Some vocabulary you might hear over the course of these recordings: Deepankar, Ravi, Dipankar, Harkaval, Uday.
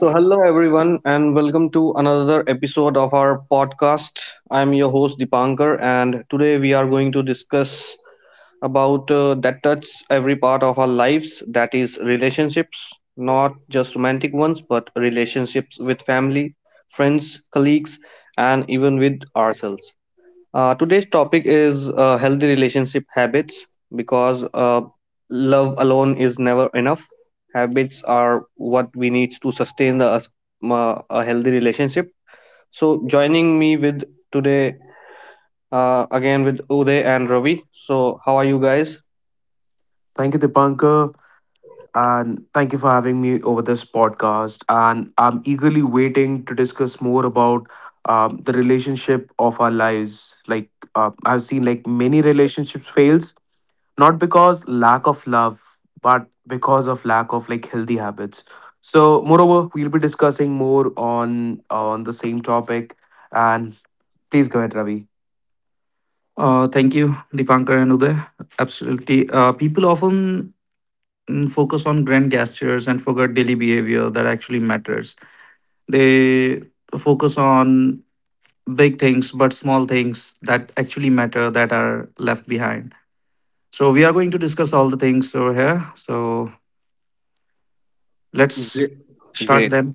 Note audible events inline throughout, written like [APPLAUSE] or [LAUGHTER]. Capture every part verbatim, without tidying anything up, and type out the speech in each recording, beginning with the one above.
So, hello everyone, and welcome to another episode of our podcast. I'm your host Dipankar, and today we are going to discuss about uh, that touch every part of our lives, that is, relationships, not just romantic ones, but relationships with family, friends, colleagues, and even with ourselves. Uh, today's topic is uh, healthy relationship habits because uh, love alone is never enough. Habits are what we need to sustain the, us- ma- a healthy relationship. So, joining me with today uh, again with Uday and Ravi. So, how are you guys? Thank you, Dipankar, and thank you for having me over this podcast. And I'm eagerly waiting to discuss more about um, the relationship of our lives. Like uh, I've seen, like many relationships fails not because lack of love, but because of lack of like healthy habits. So, moreover, we'll be discussing more on on the same topic. And please go ahead, Ravi. Uh, thank you, Dipankar and Uday. Absolutely. Uh, people often mm, focus on grand gestures and forget daily behavior that actually matters. They focus on big things, but small things that actually matter that are left behind. So we are going to discuss all the things over here. So let's Great. start Great. them.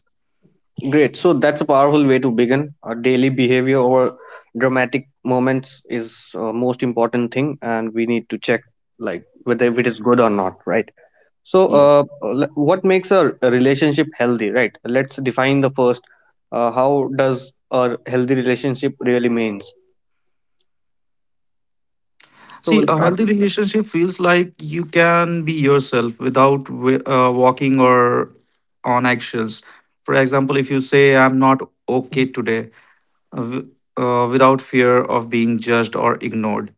Great. So, that's a powerful way to begin. Our daily behavior over dramatic moments is uh, most important thing, and we need to check like whether it is good or not, right? So, uh, l- what makes a a relationship healthy, right? Let's define the first. Uh, how does a healthy relationship really means? So See, we'll a start healthy with relationship feels like you can be yourself without wi- uh, walking or on eggshells. For example, if you say, I'm not okay today, uh, w- uh, without fear of being judged or ignored.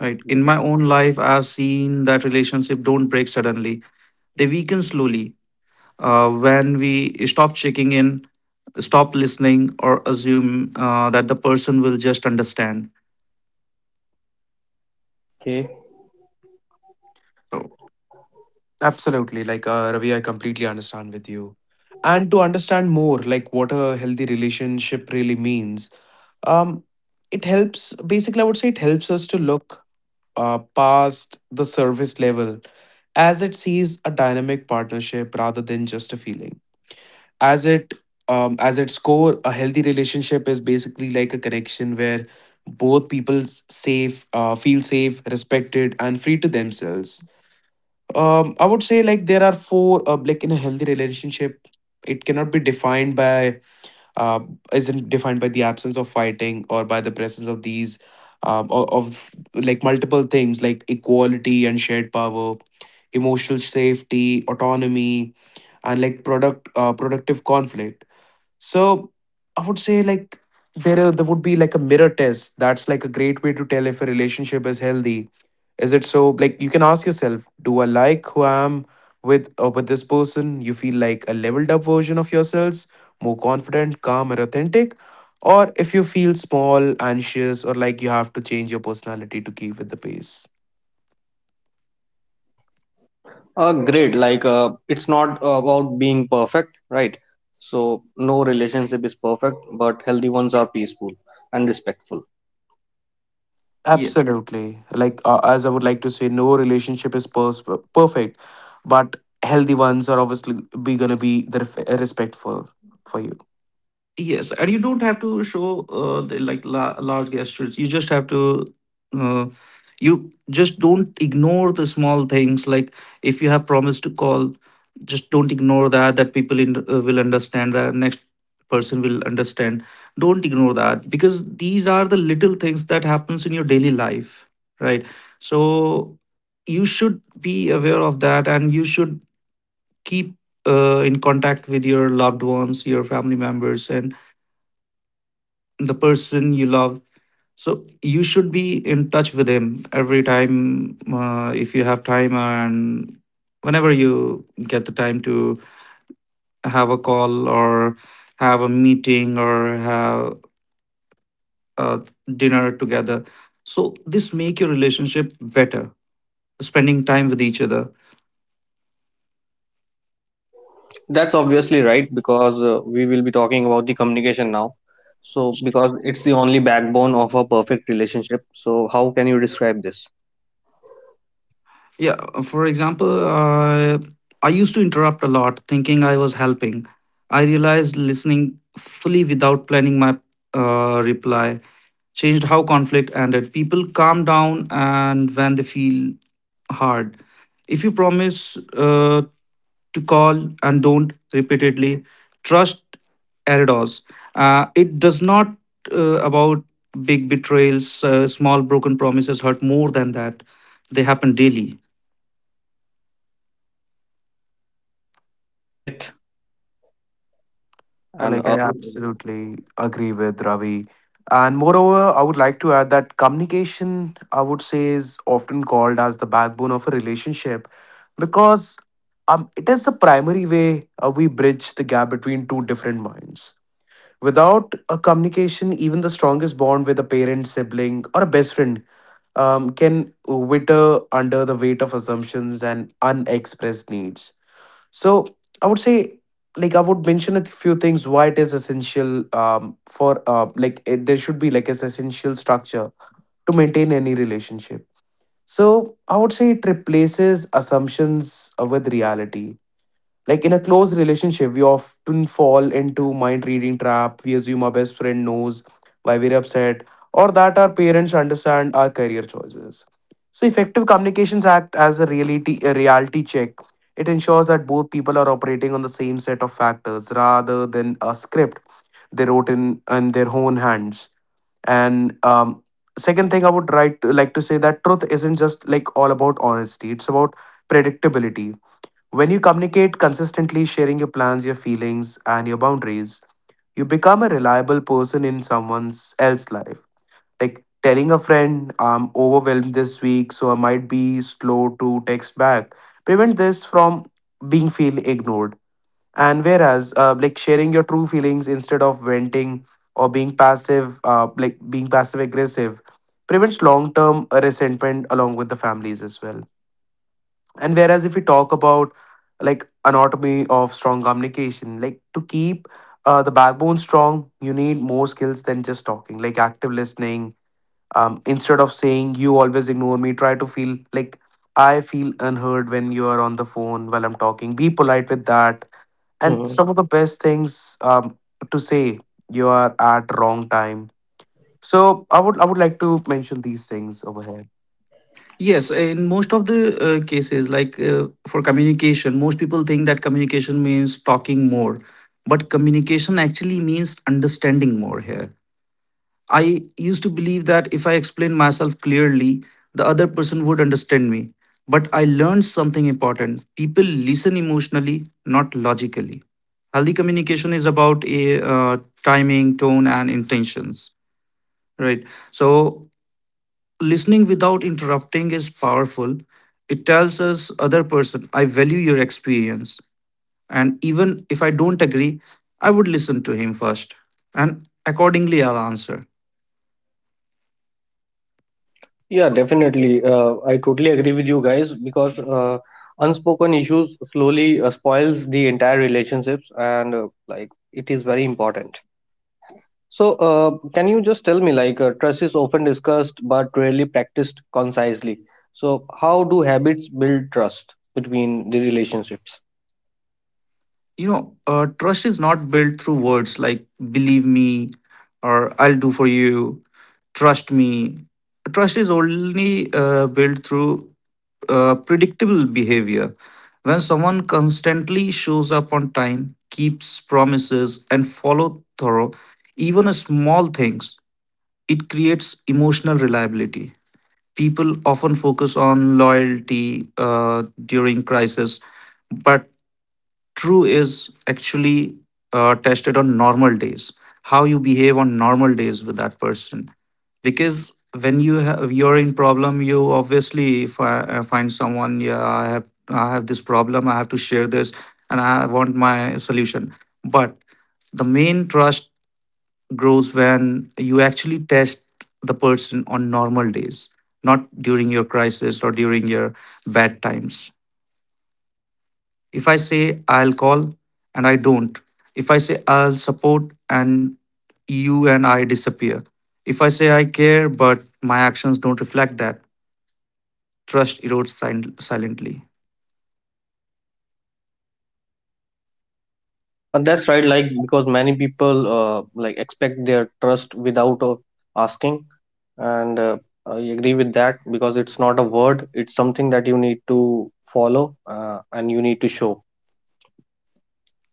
Right. In that. my own life, I've seen that relationship don't break suddenly. They weaken slowly. Uh, when we stop checking in, stop listening, or assume uh, that the person will just understand. Okay. So Absolutely. Like, uh, Ravi, I completely understand with you. And to understand more, like what a healthy relationship really means, um, it helps, basically, I would say it helps us to look uh, past the service level as it sees a dynamic partnership rather than just a feeling. As it um, as its core, a healthy relationship is basically like a connection where both people safe uh, feel safe, respected, and free to themselves. Um, I would say like there are four uh, like in a healthy relationship, it cannot be defined by uh, isn't defined by the absence of fighting or by the presence of these, um, o- of like multiple things like equality and shared power, emotional safety, autonomy, and like product uh, productive conflict. So I would say like there are, there would be like a mirror test. That's like a great way to tell if a relationship is healthy. Is it so? Like you can ask yourself, do I like who I am with or with this person? You feel like a leveled up version of yourselves, more confident, calm, and authentic. Or if you feel small, anxious, or like you have to change your personality to keep with the pace. Uh, great. Like, uh, it's not about being perfect, right? So no relationship is perfect, but healthy ones are peaceful and respectful. Absolutely. Like, uh, as I would like to say, no relationship is pers- perfect, but healthy ones are obviously be gonna be the ref- respectful for you. yes, and you don't have to show uh, the, like la- large gestures. You just have to, uh, you just don't ignore the small things. Like if you have promised to call, just don't ignore that. That people in, uh, will understand. The next person will understand. Don't ignore that because these are the little things that happens in your daily life, right? So you should be aware of that, and you should keep uh, in contact with your loved ones, your family members, and the person you love. So you should be in touch with him every time uh, if you have time and whenever you get the time to have a call or have a meeting or have a dinner together. So this make your relationship better. Spending time with each other. That's obviously right because uh, we will be talking about the communication now. So because it's the only backbone of a perfect relationship. So how can you describe this? Yeah, for example, uh, I used to interrupt a lot, thinking I was helping. I realized listening fully without planning my uh, reply changed how conflict ended. People calm down and when they feel hard. If you promise uh, to call and don't repeatedly, trust Eridos. Uh, it does not uh, about big betrayals, uh, small broken promises hurt more than that. They happen daily. Great. Uh, and Like, uh, I absolutely agree with Ravi. And moreover, I would like to add that communication, I would say, is often called as the backbone of a relationship because um, it is the primary way uh, we bridge the gap between two different minds. Without a communication, even the strongest bond with a parent, sibling, or a best friend um, can wither under the weight of assumptions and unexpressed needs. So, I would say, like, I would mention a few things why it is essential, um, for, uh, like, it, there should be like an essential structure to maintain any relationship. So, I would say it replaces assumptions uh, with reality. Like in a close relationship, we often fall into mind reading trap. We assume our best friend knows why we're upset or that our parents understand our career choices. So effective communications act as a reality a reality check. It ensures that both people are operating on the same set of factors rather than a script they wrote in in their own hands. And um, second thing I would write like to say that truth isn't just like all about honesty. It's about predictability. When you communicate consistently, sharing your plans, your feelings, and your boundaries, you become a reliable person in someone else's life. Like telling a friend, I'm overwhelmed this week, so I might be slow to text back. Prevent this from being feel ignored. And whereas, uh, like sharing your true feelings instead of venting or being passive, uh, like being passive aggressive, prevents long term resentment along with the families as well. And whereas if we talk about like anatomy of strong communication, like to keep uh, the backbone strong, you need more skills than just talking, like active listening. Um, instead of saying you always ignore me, try to feel like I feel unheard when you are on the phone while I'm talking. Be polite with that. And mhm. some of the best things um, to say you are at wrong time. So I would I would like to mention these things over here. Yes, in most of the uh, cases, like uh, for communication, most people think that communication means talking more, but communication actually means understanding more here. I used to believe that if I explain myself clearly, the other person would understand me. But I learned something important. People listen emotionally, not logically. Healthy communication is about a uh, timing, tone, and intentions, right? So listening without interrupting is powerful. It tells us other person I value your experience, and even if I don't agree, I would listen to him first, and accordingly I'll answer. Yeah, definitely, uh, I totally agree with you guys, because uh, unspoken issues slowly uh, spoils the entire relationships, and uh, like it is very important. So uh, can you just tell me, like uh, trust is often discussed but rarely practiced concisely. So how do habits build trust between the relationships? You know, uh, trust is not built through words like believe me or I'll do for you, trust me. Trust is only uh, built through uh, predictable behavior. When someone constantly shows up on time, keeps promises, and follow through, even small things, it creates emotional reliability. People often focus on loyalty uh, during crisis, but true is actually uh, tested on normal days. How you behave on normal days with that person, because when you have you're in problem you obviously fi- uh, find someone. Yeah, i have i have this problem, I have to share this and I want my solution. But the main trust grows when you actually test the person on normal days, not during your crisis or during your bad times. If I say I'll call and I don't, if I say I'll support and you and I disappear, if I say I care but my actions don't reflect that, trust erodes sil- silently. Uh, that's right, like because many people, uh, like, expect their trust without uh, asking. And uh, I agree with that, because it's not a word, it's something that you need to follow, uh, and you need to show.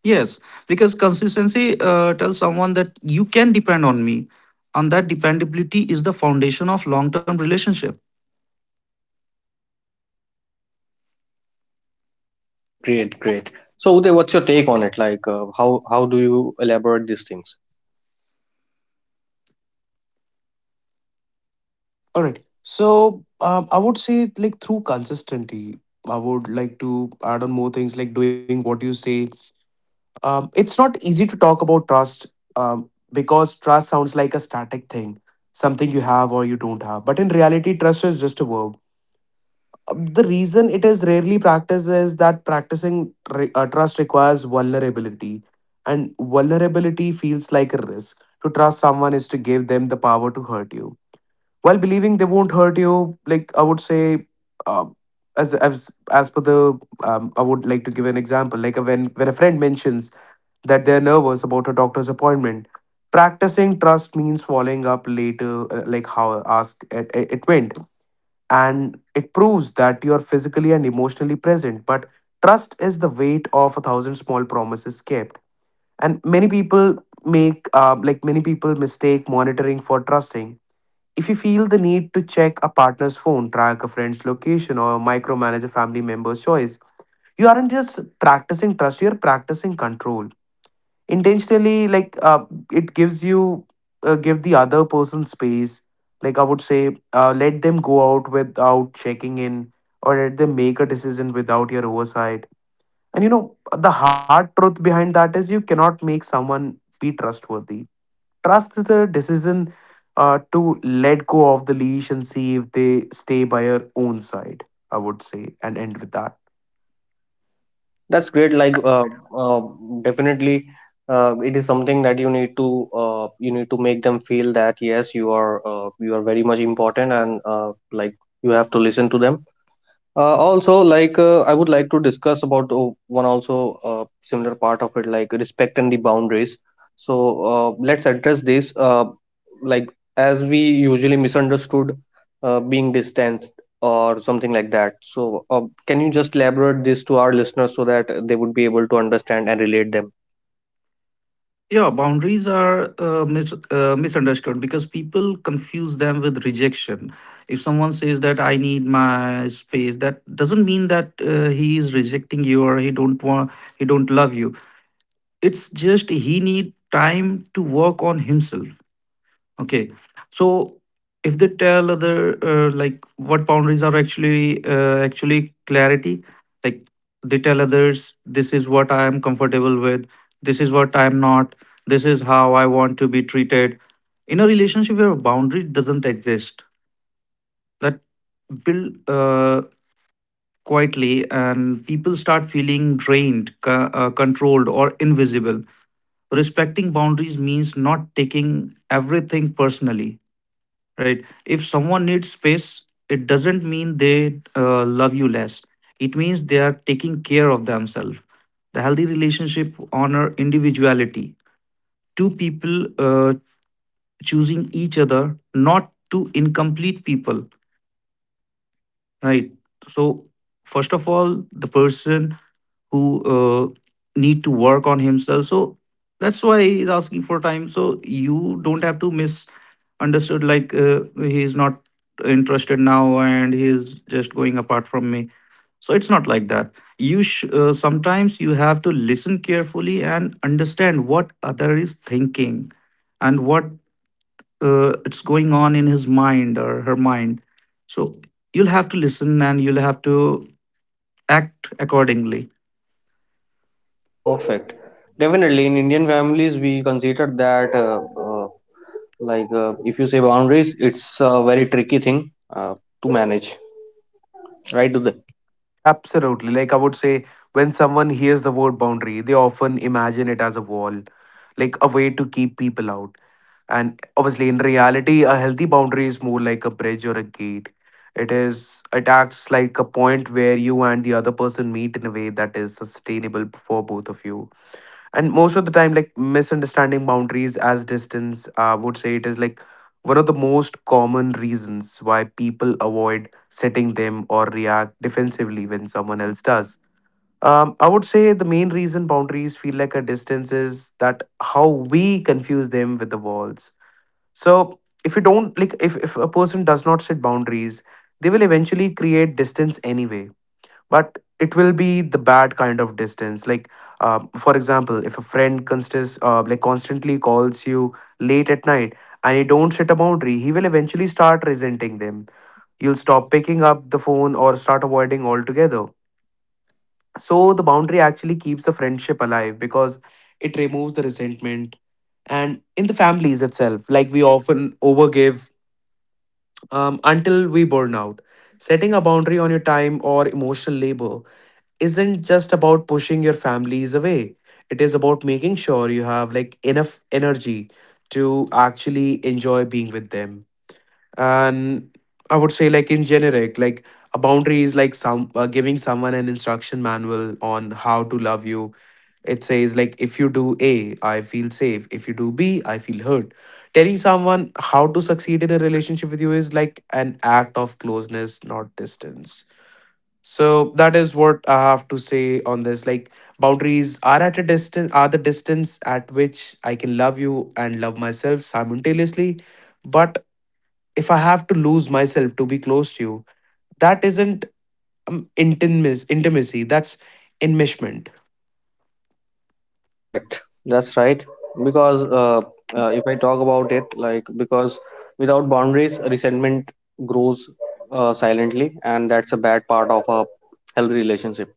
Yes, because consistency uh, tells someone that you can depend on me, and that dependability is the foundation of long term relationship. Great, great. So Uday, what's your take on it? Like, uh, how how do you elaborate these things? All right. So um, I would say like through consistency, I would like to add on more things like doing what you say. Um, it's not easy to talk about trust um, because trust sounds like a static thing, something you have or you don't have. But in reality, trust is just a verb. Um, The reason it is rarely practiced is that practicing re- uh, trust requires vulnerability, and vulnerability feels like a risk. To trust someone is to give them the power to hurt you while believing they won't hurt you. Like I would say, um, as as as per the, um, I would like to give an example like when when a friend mentions that they're nervous about a doctor's appointment, practicing trust means following up later, uh, like how ask it, it it went, and it proves that you're physically and emotionally present. But trust is the weight of a thousand small promises kept. And many people make uh, like many people mistake monitoring for trusting. If you feel the need to check a partner's phone, track a friend's location, or micromanage a family member's choice, you aren't just practicing trust, you're practicing control. Intentionally, like uh, it gives you, uh, give the other person space. Like I would say, uh, let them go out without checking in, or let them make a decision without your oversight. And you know, the hard truth behind that is you cannot make someone be trustworthy. Trust is a decision uh, to let go of the leash and see if they stay by your own side, I would say, and end with that. That's great, like. uh, uh, Definitely, uh, it is something that you need to uh, you need to make them feel that yes, you are, uh, you are very much important, and uh, like, you have to listen to them. Uh, also, like, uh, I would like to discuss about uh, one also uh, similar part of it, like respect and the boundaries. So uh, let's address this. Uh, like, as we usually misunderstood, uh, being distanced or something like that. So uh, can you just elaborate this to our listeners so that they would be able to understand and relate them? Yeah, boundaries are uh, mis- uh, misunderstood because people confuse them with rejection. If someone says that I need my space, that doesn't mean that uh, he is rejecting you or he don't want he don't love you. It's just he need time to work on himself. Okay. So if they tell other uh, like what boundaries are actually uh, actually clarity, like they tell others this is what I am comfortable with, this is what I am not, this is how I want to be treated. In a relationship where a boundary doesn't exist, that build uh, quietly and people start feeling drained, co- uh, controlled or invisible. Respecting boundaries means not taking everything personally. Right, if someone needs space, it doesn't mean they uh, love you less, it means they are taking care of themselves. The healthy relationship honor individuality, two people uh, choosing each other, not two incomplete people, right? So first of all, the person who uh, need to work on himself. So that's why he's asking for time. So you don't have to misunderstood like uh, he's not interested now and he's just going apart from me. So it's not like that. You sh- uh, sometimes you have to listen carefully and understand what other is thinking and what uh, it's going on in his mind or her mind. So you'll have to listen and you'll have to act accordingly. Perfect. Definitely, in Indian families, we consider that uh, uh, like uh, if you say boundaries, it's a very tricky thing uh, to manage. Right to the Absolutely. Like I would say, when someone hears the word boundary, they often imagine it as a wall, like a way to keep people out. And obviously, in reality, a healthy boundary is more like a bridge or a gate. It is, it acts like a point where you and the other person meet in a way that is sustainable for both of you. And most of the time, like misunderstanding boundaries as distance, I would say it is like one of the most common reasons why people avoid setting them or react defensively when someone else does. um, I would say the main reason boundaries feel like a distance is that how we confuse them with the walls. So if you don't like if, if a person does not set boundaries, they will eventually create distance anyway, but it will be the bad kind of distance. Like uh, for example, if a friend constis- uh, like constantly calls you late at night and you don't set a boundary, he will eventually start resenting them. You'll stop picking up the phone or start avoiding altogether. So the boundary actually keeps the friendship alive because it removes the resentment. And in the families itself, like we often overgive um, until we burn out. Setting a boundary on your time or emotional labor isn't just about pushing your families away. It is about making sure you have like enough energy to actually enjoy being with them. And I would say like in generic, like a boundary is like some uh, giving someone an instruction manual on how to love you. It says like if you do A, I feel safe. If you do B, I feel hurt. Telling someone how to succeed in a relationship with you is like an act of closeness, not distance. So that is what I have to say on this. Like boundaries are at a distance are the distance at which I can love you and love myself simultaneously. But if I have to lose myself to be close to you, that isn't um, intimacy intimacy, that's enmeshment. correct. That's right, because uh, uh, if I talk about it, like, because without boundaries resentment grows uh, silently, and that's a bad part of a healthy relationship.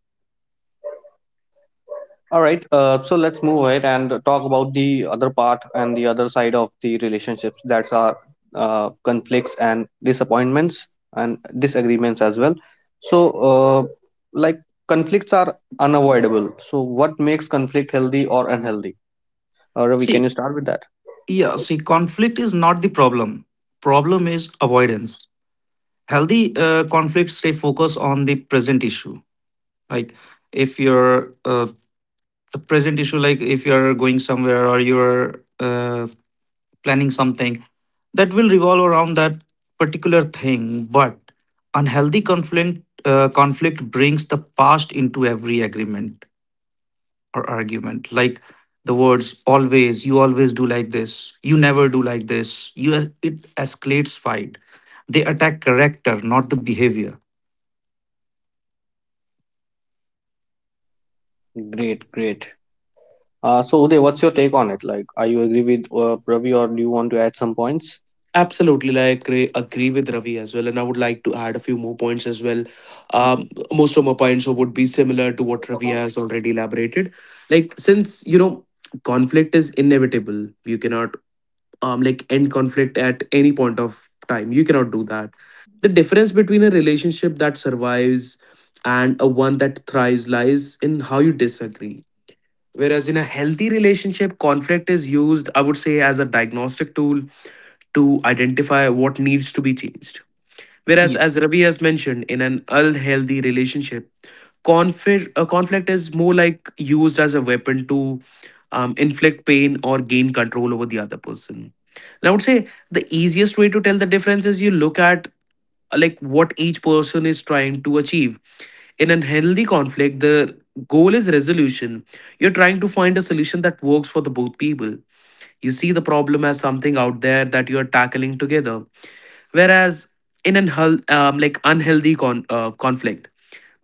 All right, uh, so let's move ahead and talk about the other part and the other side of the relationships, that's our uh, conflicts and disappointments and disagreements as well. So uh, like conflicts are unavoidable, so what makes conflict healthy or unhealthy? Uh, Ravi, can you See, start with that? yeah, see, conflict is not the problem. Problem is avoidance. Healthy uh, conflicts stay focused on the present issue. Like if you're uh, the present issue, like if you're going somewhere or you're uh, planning something, that will revolve around that particular thing. But unhealthy conflict uh, conflict brings the past into every agreement or argument. Like the words always, you always do like this, you never do like this. You it escalates fight. They attack character, not the behavior. Great, great. Uh, so, Uday, what's your take on it? Like, are you agree with uh, Ravi, or do you want to add some points? Absolutely, like agree, agree with Ravi as well, and I would like to add a few more points as well. Um, Mhm. Most of my points would be similar to what Ravi has already elaborated. Like since you know conflict is inevitable, you cannot um, like end conflict at any point of time. You cannot do that. The difference between a relationship that survives and a one that thrives lies in how you disagree. Whereas in a healthy relationship, conflict is used, I would say, as a diagnostic tool to identify what needs to be changed. Whereas, Ye- as Ravi has mentioned, in an unhealthy relationship, conflict, uh, conflict is more like used as a weapon to um, inflict pain or gain control over the other person. And I would say the easiest way to tell the difference is you look at uh, like what each person is trying to achieve. In an healthy conflict, the goal is resolution. You're trying to find a solution that works for the both people. You see the problem as something out there that you're tackling together. Whereas in an hel- um, like unhealthy con- uh, conflict,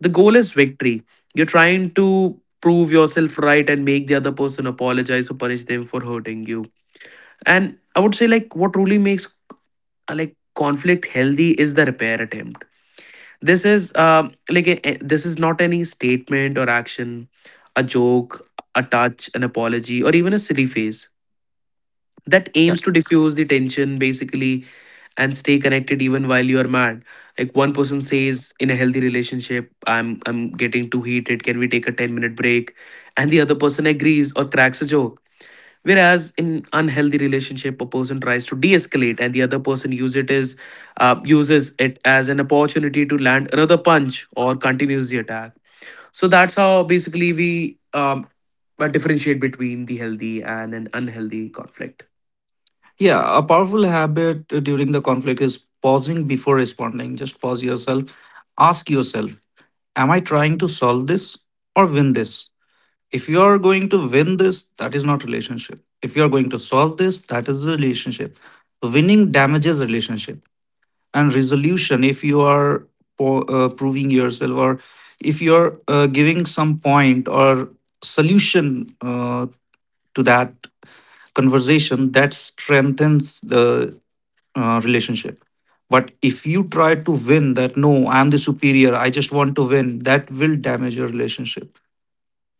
the goal is victory. You're trying to prove yourself right and make the other person apologize or punish them for hurting you. And I would say, like, what really makes uh, like conflict healthy is the repair attempt. This is um like a, a- this is not any statement or action, a joke, a touch, an apology, or even a silly face that Yeah. aims to diffuse the tension basically, and stay connected even while you are mad. Like, one person says in a healthy relationship, i'm i'm getting too heated, can we take a ten minute break, and the other person agrees or cracks a joke. Whereas in unhealthy relationship, a person tries to de-escalate and the other person use it as uh, uses it as an opportunity to land another punch or continues the attack. So that's how basically we um, uh, differentiate between the healthy and an unhealthy conflict. Yeah, a powerful habit uh, during the conflict is pausing before responding. Just pause yourself. Ask yourself, am I trying to solve this or win this? If you are going to win this, that is not relationship. If you are going to solve this, that is the relationship. Winning damages relationship and resolution. If you are po- uh, proving yourself or if you're uh, giving some point or solution uh, to that conversation, that strengthens the uh, relationship. But if you try to win that, no, I'm the superior, I just want to win, that will damage your relationship.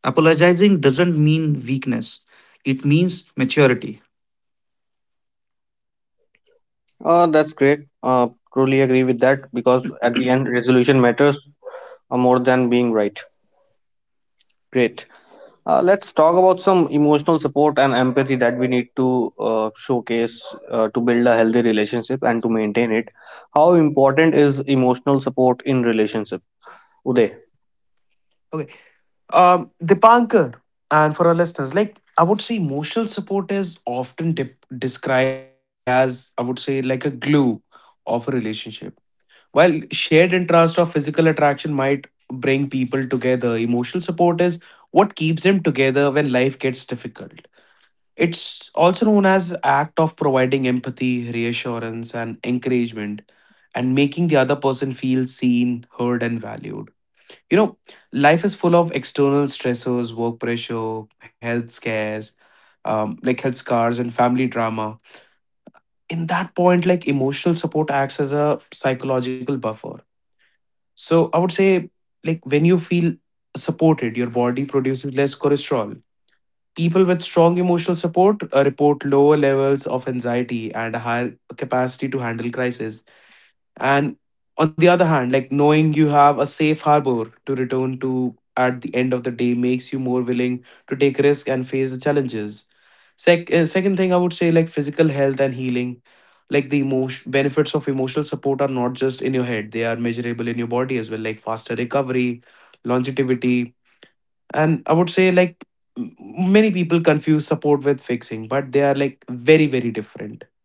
Apologizing doesn't mean weakness, it means maturity. Uh, that's great. Uh, truly agree with that, because at the end, resolution matters uh, more than being right. Great. Uh, let's talk about some emotional support and empathy that we need to uh, showcase uh, to build a healthy relationship and to maintain it. How important is emotional support in relationship? Uday. Okay. Um, Dipankar, and for our listeners, like I would say, emotional support is often dip- described as, I would say, like a glue of a relationship. While shared interest or physical attraction might bring people together, emotional support is what keeps them together when life gets difficult. It's also known as act of providing empathy, reassurance, and encouragement, and making the other person feel seen, heard, and valued you know, Life is full of external stressors, work pressure, health scares, um, like health scars, and family drama. In that point, like, emotional support acts as a psychological buffer. So I would say, like, when you feel supported, your body produces less cholesterol. People with strong emotional support uh, report lower levels of anxiety and a higher capacity to handle crisis. And on the other hand, like, knowing you have a safe harbor to return to at the end of the day makes you more willing to take risk and face the challenges. Sec- uh, second thing I would say, like physical health and healing, like the emotion benefits of emotional support are not just in your head; they are measurable in your body as well, like faster recovery, longevity, and I would say like m- many people confuse support with fixing, but they are like very very different.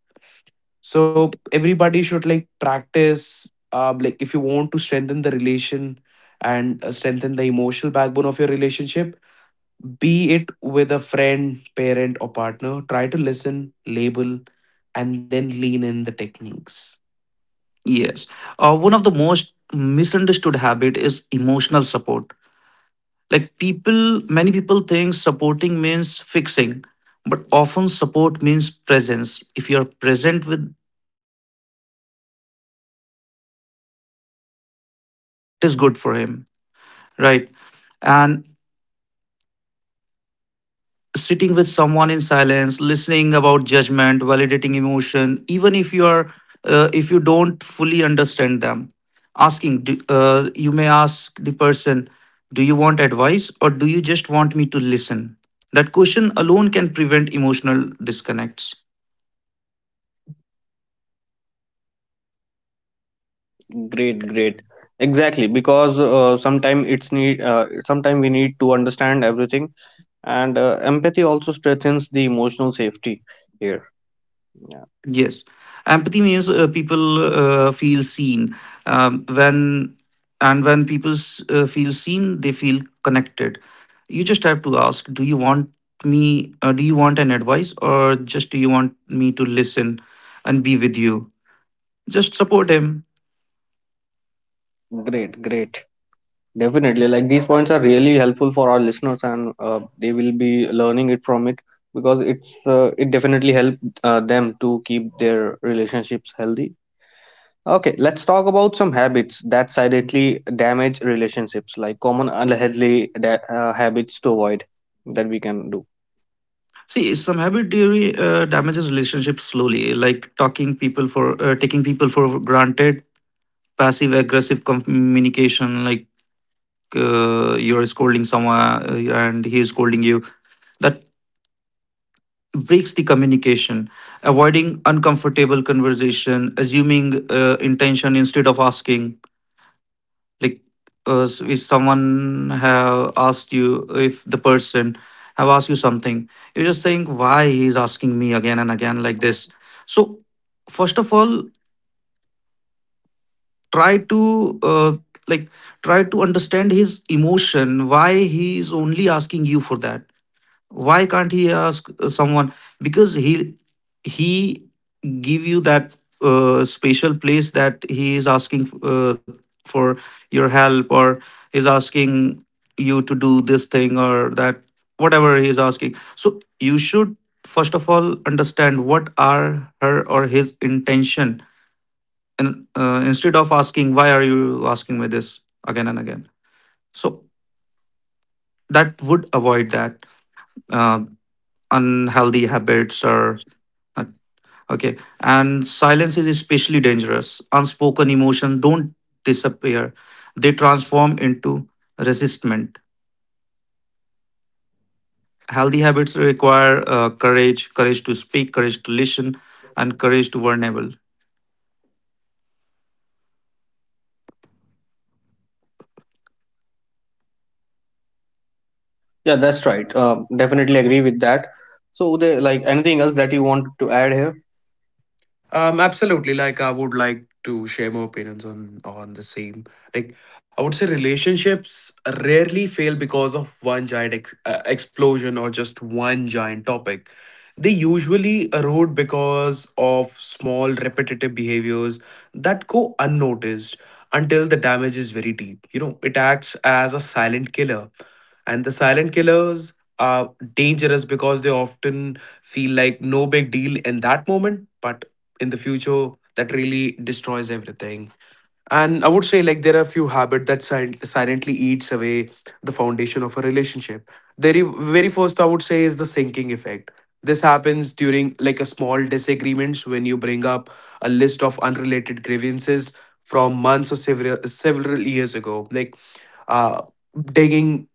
So everybody should like practice, um, like if you want to strengthen the relation and uh, strengthen the emotional backbone of your relationship, be it with a friend, parent, or partner, try to listen, label, and then lean in the techniques. Yes, uh, one of the most misunderstood habit is emotional support. Like people, many people think supporting means fixing, but often support means presence. If you are present with good for him, right? And sitting with someone in silence, listening about judgment, validating emotion, even if you are uh, if you don't fully understand them, asking do- uh, you may ask the person, "Do you want advice or do you just want me to listen?" That question alone can prevent emotional disconnects. Great, great. Exactly, because uh, sometime it's need. Uh, sometime we need to understand everything, and uh, empathy also strengthens the emotional safety here. Yeah. Yes, empathy means uh, people uh, feel seen. Um, when and when people s- uh, feel seen, they feel connected. You just have to ask: Do you want me? Uh, do you want an advice, or just do you want me to listen and be with you? Just support him. Great, great. Definitely, like, these points are really helpful for our listeners, and uh, they will be learning it from it, because it's uh, it definitely help uh, them to keep their relationships healthy. Okay, let's talk about some habits that silently damage relationships, like common unhealthy da- uh, habits to avoid that we can do. See, some habit theory uh, damages relationships slowly, like talking people for uh, taking people for granted, passive aggressive communication, like like, uh, you're scolding someone uh, and he's scolding you, that breaks the communication. Avoiding uncomfortable conversation, assuming uh, intention instead of asking. Like uh, s- if someone have asked you if the person have asked you something, you're just saying why he's asking me again and again like this. So first of all, try to uh, like try to understand his emotion, why he is only asking you for that, why can't he ask uh, someone, because he he give you that uh, special place that he is asking uh, for your help, or he's asking you to do this thing or that, whatever he is asking. So you should first of all understand what are her or his intention, and uh, instead of asking why are you asking me this again and again. So that would avoid that uh, unhealthy habits or Uh, okay. And silence is especially dangerous. Unspoken emotion don't disappear. They transform into resistment. Healthy habits require uh, courage, courage to speak, courage to listen, and courage to vulnerable. Yeah, that's right. Uh, definitely agree with that. So, the, like, anything else that you want to add here? Um, absolutely. Like, I would like to share my opinions on on the same. Like, I would say relationships rarely fail because of one giant ex- uh, explosion or just one giant topic. They usually erode because of small repetitive behaviors that go unnoticed until the damage is very deep. You know, it acts as a silent killer. And the silent killers are dangerous because they often feel like no big deal in that moment, but in the future that really destroys everything. And I would say, like, there are few habits that sil- silently eats away the foundation of a relationship. The re- very first, I would say, is the sinking effect. This happens during like a small disagreements, when you bring up a list of unrelated grievances from months or several several years ago, like, uh, digging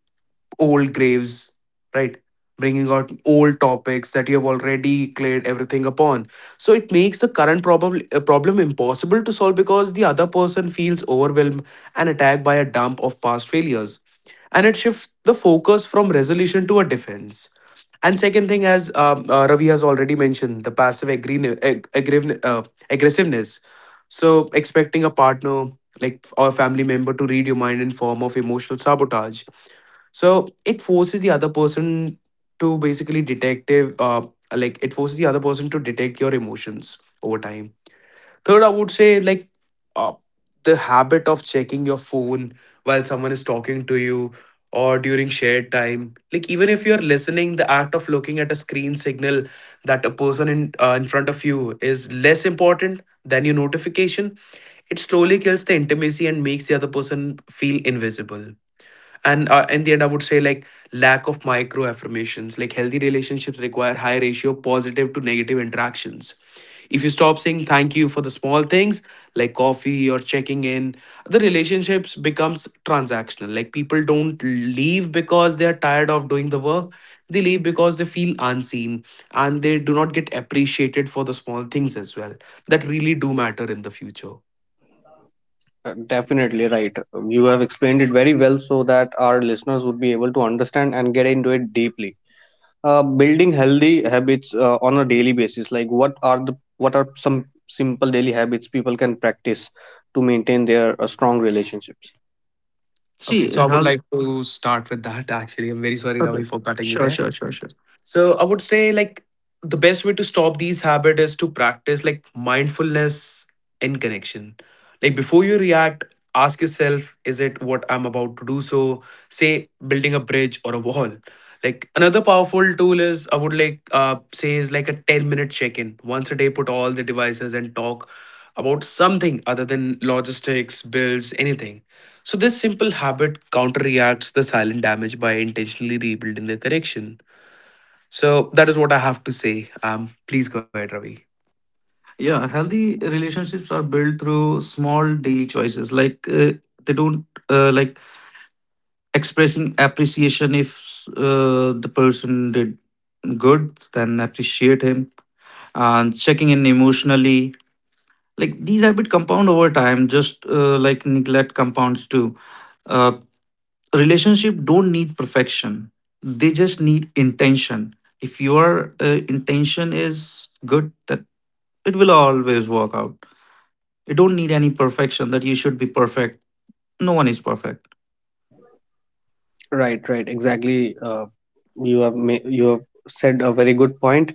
old graves, right? Bringing out old topics that you have already cleared everything upon. So it makes the current problem uh, problem impossible to solve because the other person feels overwhelmed and attacked by a dump of past failures. And it shifts the focus from resolution to a defense. And second thing, as um, uh, Ravi has already mentioned, the passive agree- ag- aggrave- uh, aggressiveness. So expecting a partner like or family member to read your mind in form of emotional sabotage, so it forces the other person to basically detective, uh, like it forces the other person to detect your emotions over time. Third, I would say, like, uh, the habit of checking your phone while someone is talking to you or during shared time. Like, even if you're listening, the act of looking at a screen signal that a person in uh, in front of you is less important than your notification. It slowly kills the intimacy and makes the other person feel invisible. And uh, in the end, I would say, like, lack of micro affirmations. Like, healthy relationships require high ratio positive to negative interactions. If you stop saying thank you for the small things, like coffee or checking in, the relationships becomes transactional. Like, people don't leave because they are tired of doing the work, they leave because they feel unseen and they do not get appreciated for the small things as well that really do matter in the future. Uh, definitely right. You have explained it very well, so that our listeners would be able to understand and get into it deeply. Uh, building healthy habits uh, on a daily basis, like what are the what are some simple daily habits people can practice to maintain their uh, strong relationships? Okay, See, so I would health. like to start with that actually. I'm very sorry, Ravi, Okay. for cutting you Sure, there. sure, sure, sure. So I would say, like, the best way to stop these habit is to practice like mindfulness in connection. Like, before you react, ask yourself, is it what I'm about to do? So, say building a bridge or a wall. Like, another powerful tool is, I would like uh, say, is like a ten minute check-in. Once a day, put all the devices and talk about something other than logistics, bills, anything. So, this simple habit counteracts the silent damage by intentionally rebuilding the correction. So, that is what I have to say. Um, please go ahead, Ravi. Yeah, Yep. healthy relationships are built through small daily choices. Like uh, they don't uh, like expressing appreciation if uh, the person did good, then appreciate him, and checking in emotionally. Like these habits compound over time, just uh, like neglect compounds too. uh, Relationship don't need perfection, they just need intention. If your uh, intention is good, that it will always work out. You don't need any perfection, that you should be perfect. No one is perfect. Right. Right. Exactly. Uh, you have ma- you have said a very good point.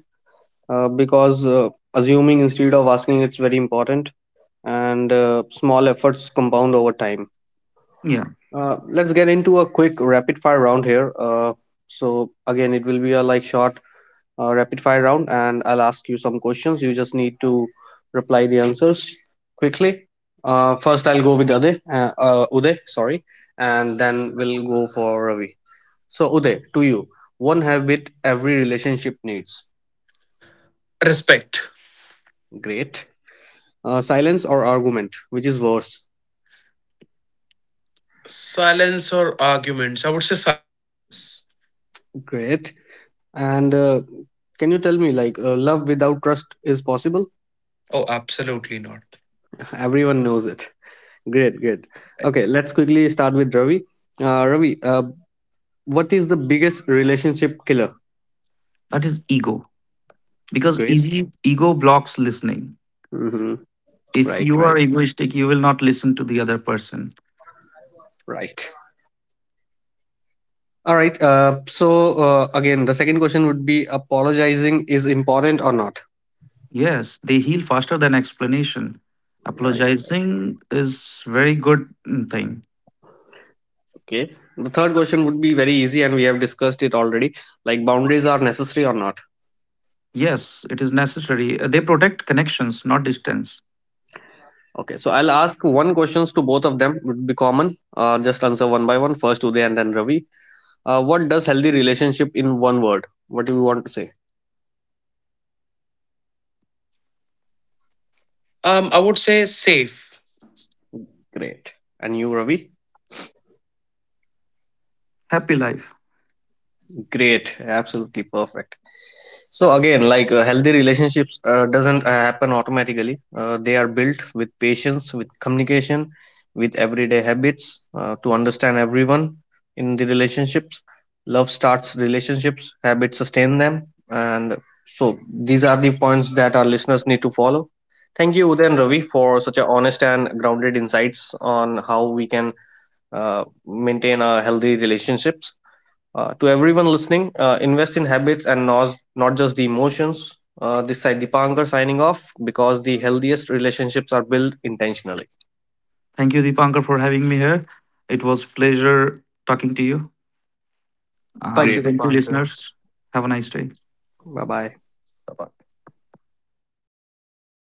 Uh, because uh, assuming instead of asking, it's very important, and uh, small efforts compound over time. Yeah, Uh, let's get into a quick rapid fire round here. Uh, so again, it will be a like short uh, rapid fire round, and I'll ask you some questions. You just need to reply the answers quickly. Uh, first, I'll go with Ade, uh, uh, Uday, sorry, and then we'll go for Ravi. So, Uday, to you, one habit every relationship needs. Respect. Great. Uh, silence or argument, which is worse. Silence or arguments? I would say silence. Great. And uh, can you tell me, like, uh, love without trust is possible? Oh, absolutely not. [LAUGHS] Everyone knows it. Great, great. Okay, let's quickly start with Ravi. Uh, Ravi, uh, what is the biggest relationship killer? that is ego, because Great. easy ego blocks listening. Hmm. If Right, you are right, egoistic, you will not listen to the other person. right. All right. Uh, so, uh, again, the second question would be apologizing is important or not? Yes, they heal faster than explanation. All right. Apologizing is very good mm, thing. Okay. The third question would be very easy, and we have discussed it already. Like, boundaries are necessary or not. Yes, it is necessary. Uh, They protect connections, not distance. Okay. So I'll ask one questions to both of them. Would be common. Uh, just answer one by one. First Uday and then Ravi. Uh, what does healthy relationship in one word? What do you want to say? Um, I would say safe. Great. And you, Ravi? Happy life. Great, absolutely perfect. So again, like, uh, healthy relationships uh, doesn't uh, happen automatically. Uh, they are built with patience, with communication, with everyday habits uh, to understand everyone in the relationships. Love starts relationships, habits sustain them, and so these are the points that our listeners need to follow. Thank you, Uday and Ravi, for such a honest and grounded insights on how we can uh, maintain our healthy relationships. Uh, to everyone listening, uh, invest in habits and not, not just the emotions. Uh, this side Dipankar signing off, because the healthiest relationships are built intentionally. Thank you, Deepankar, for having me here. It was pleasure talking to you. Thank And you, Great. thank you, Dipankar. listeners. Have a nice day. Bye bye.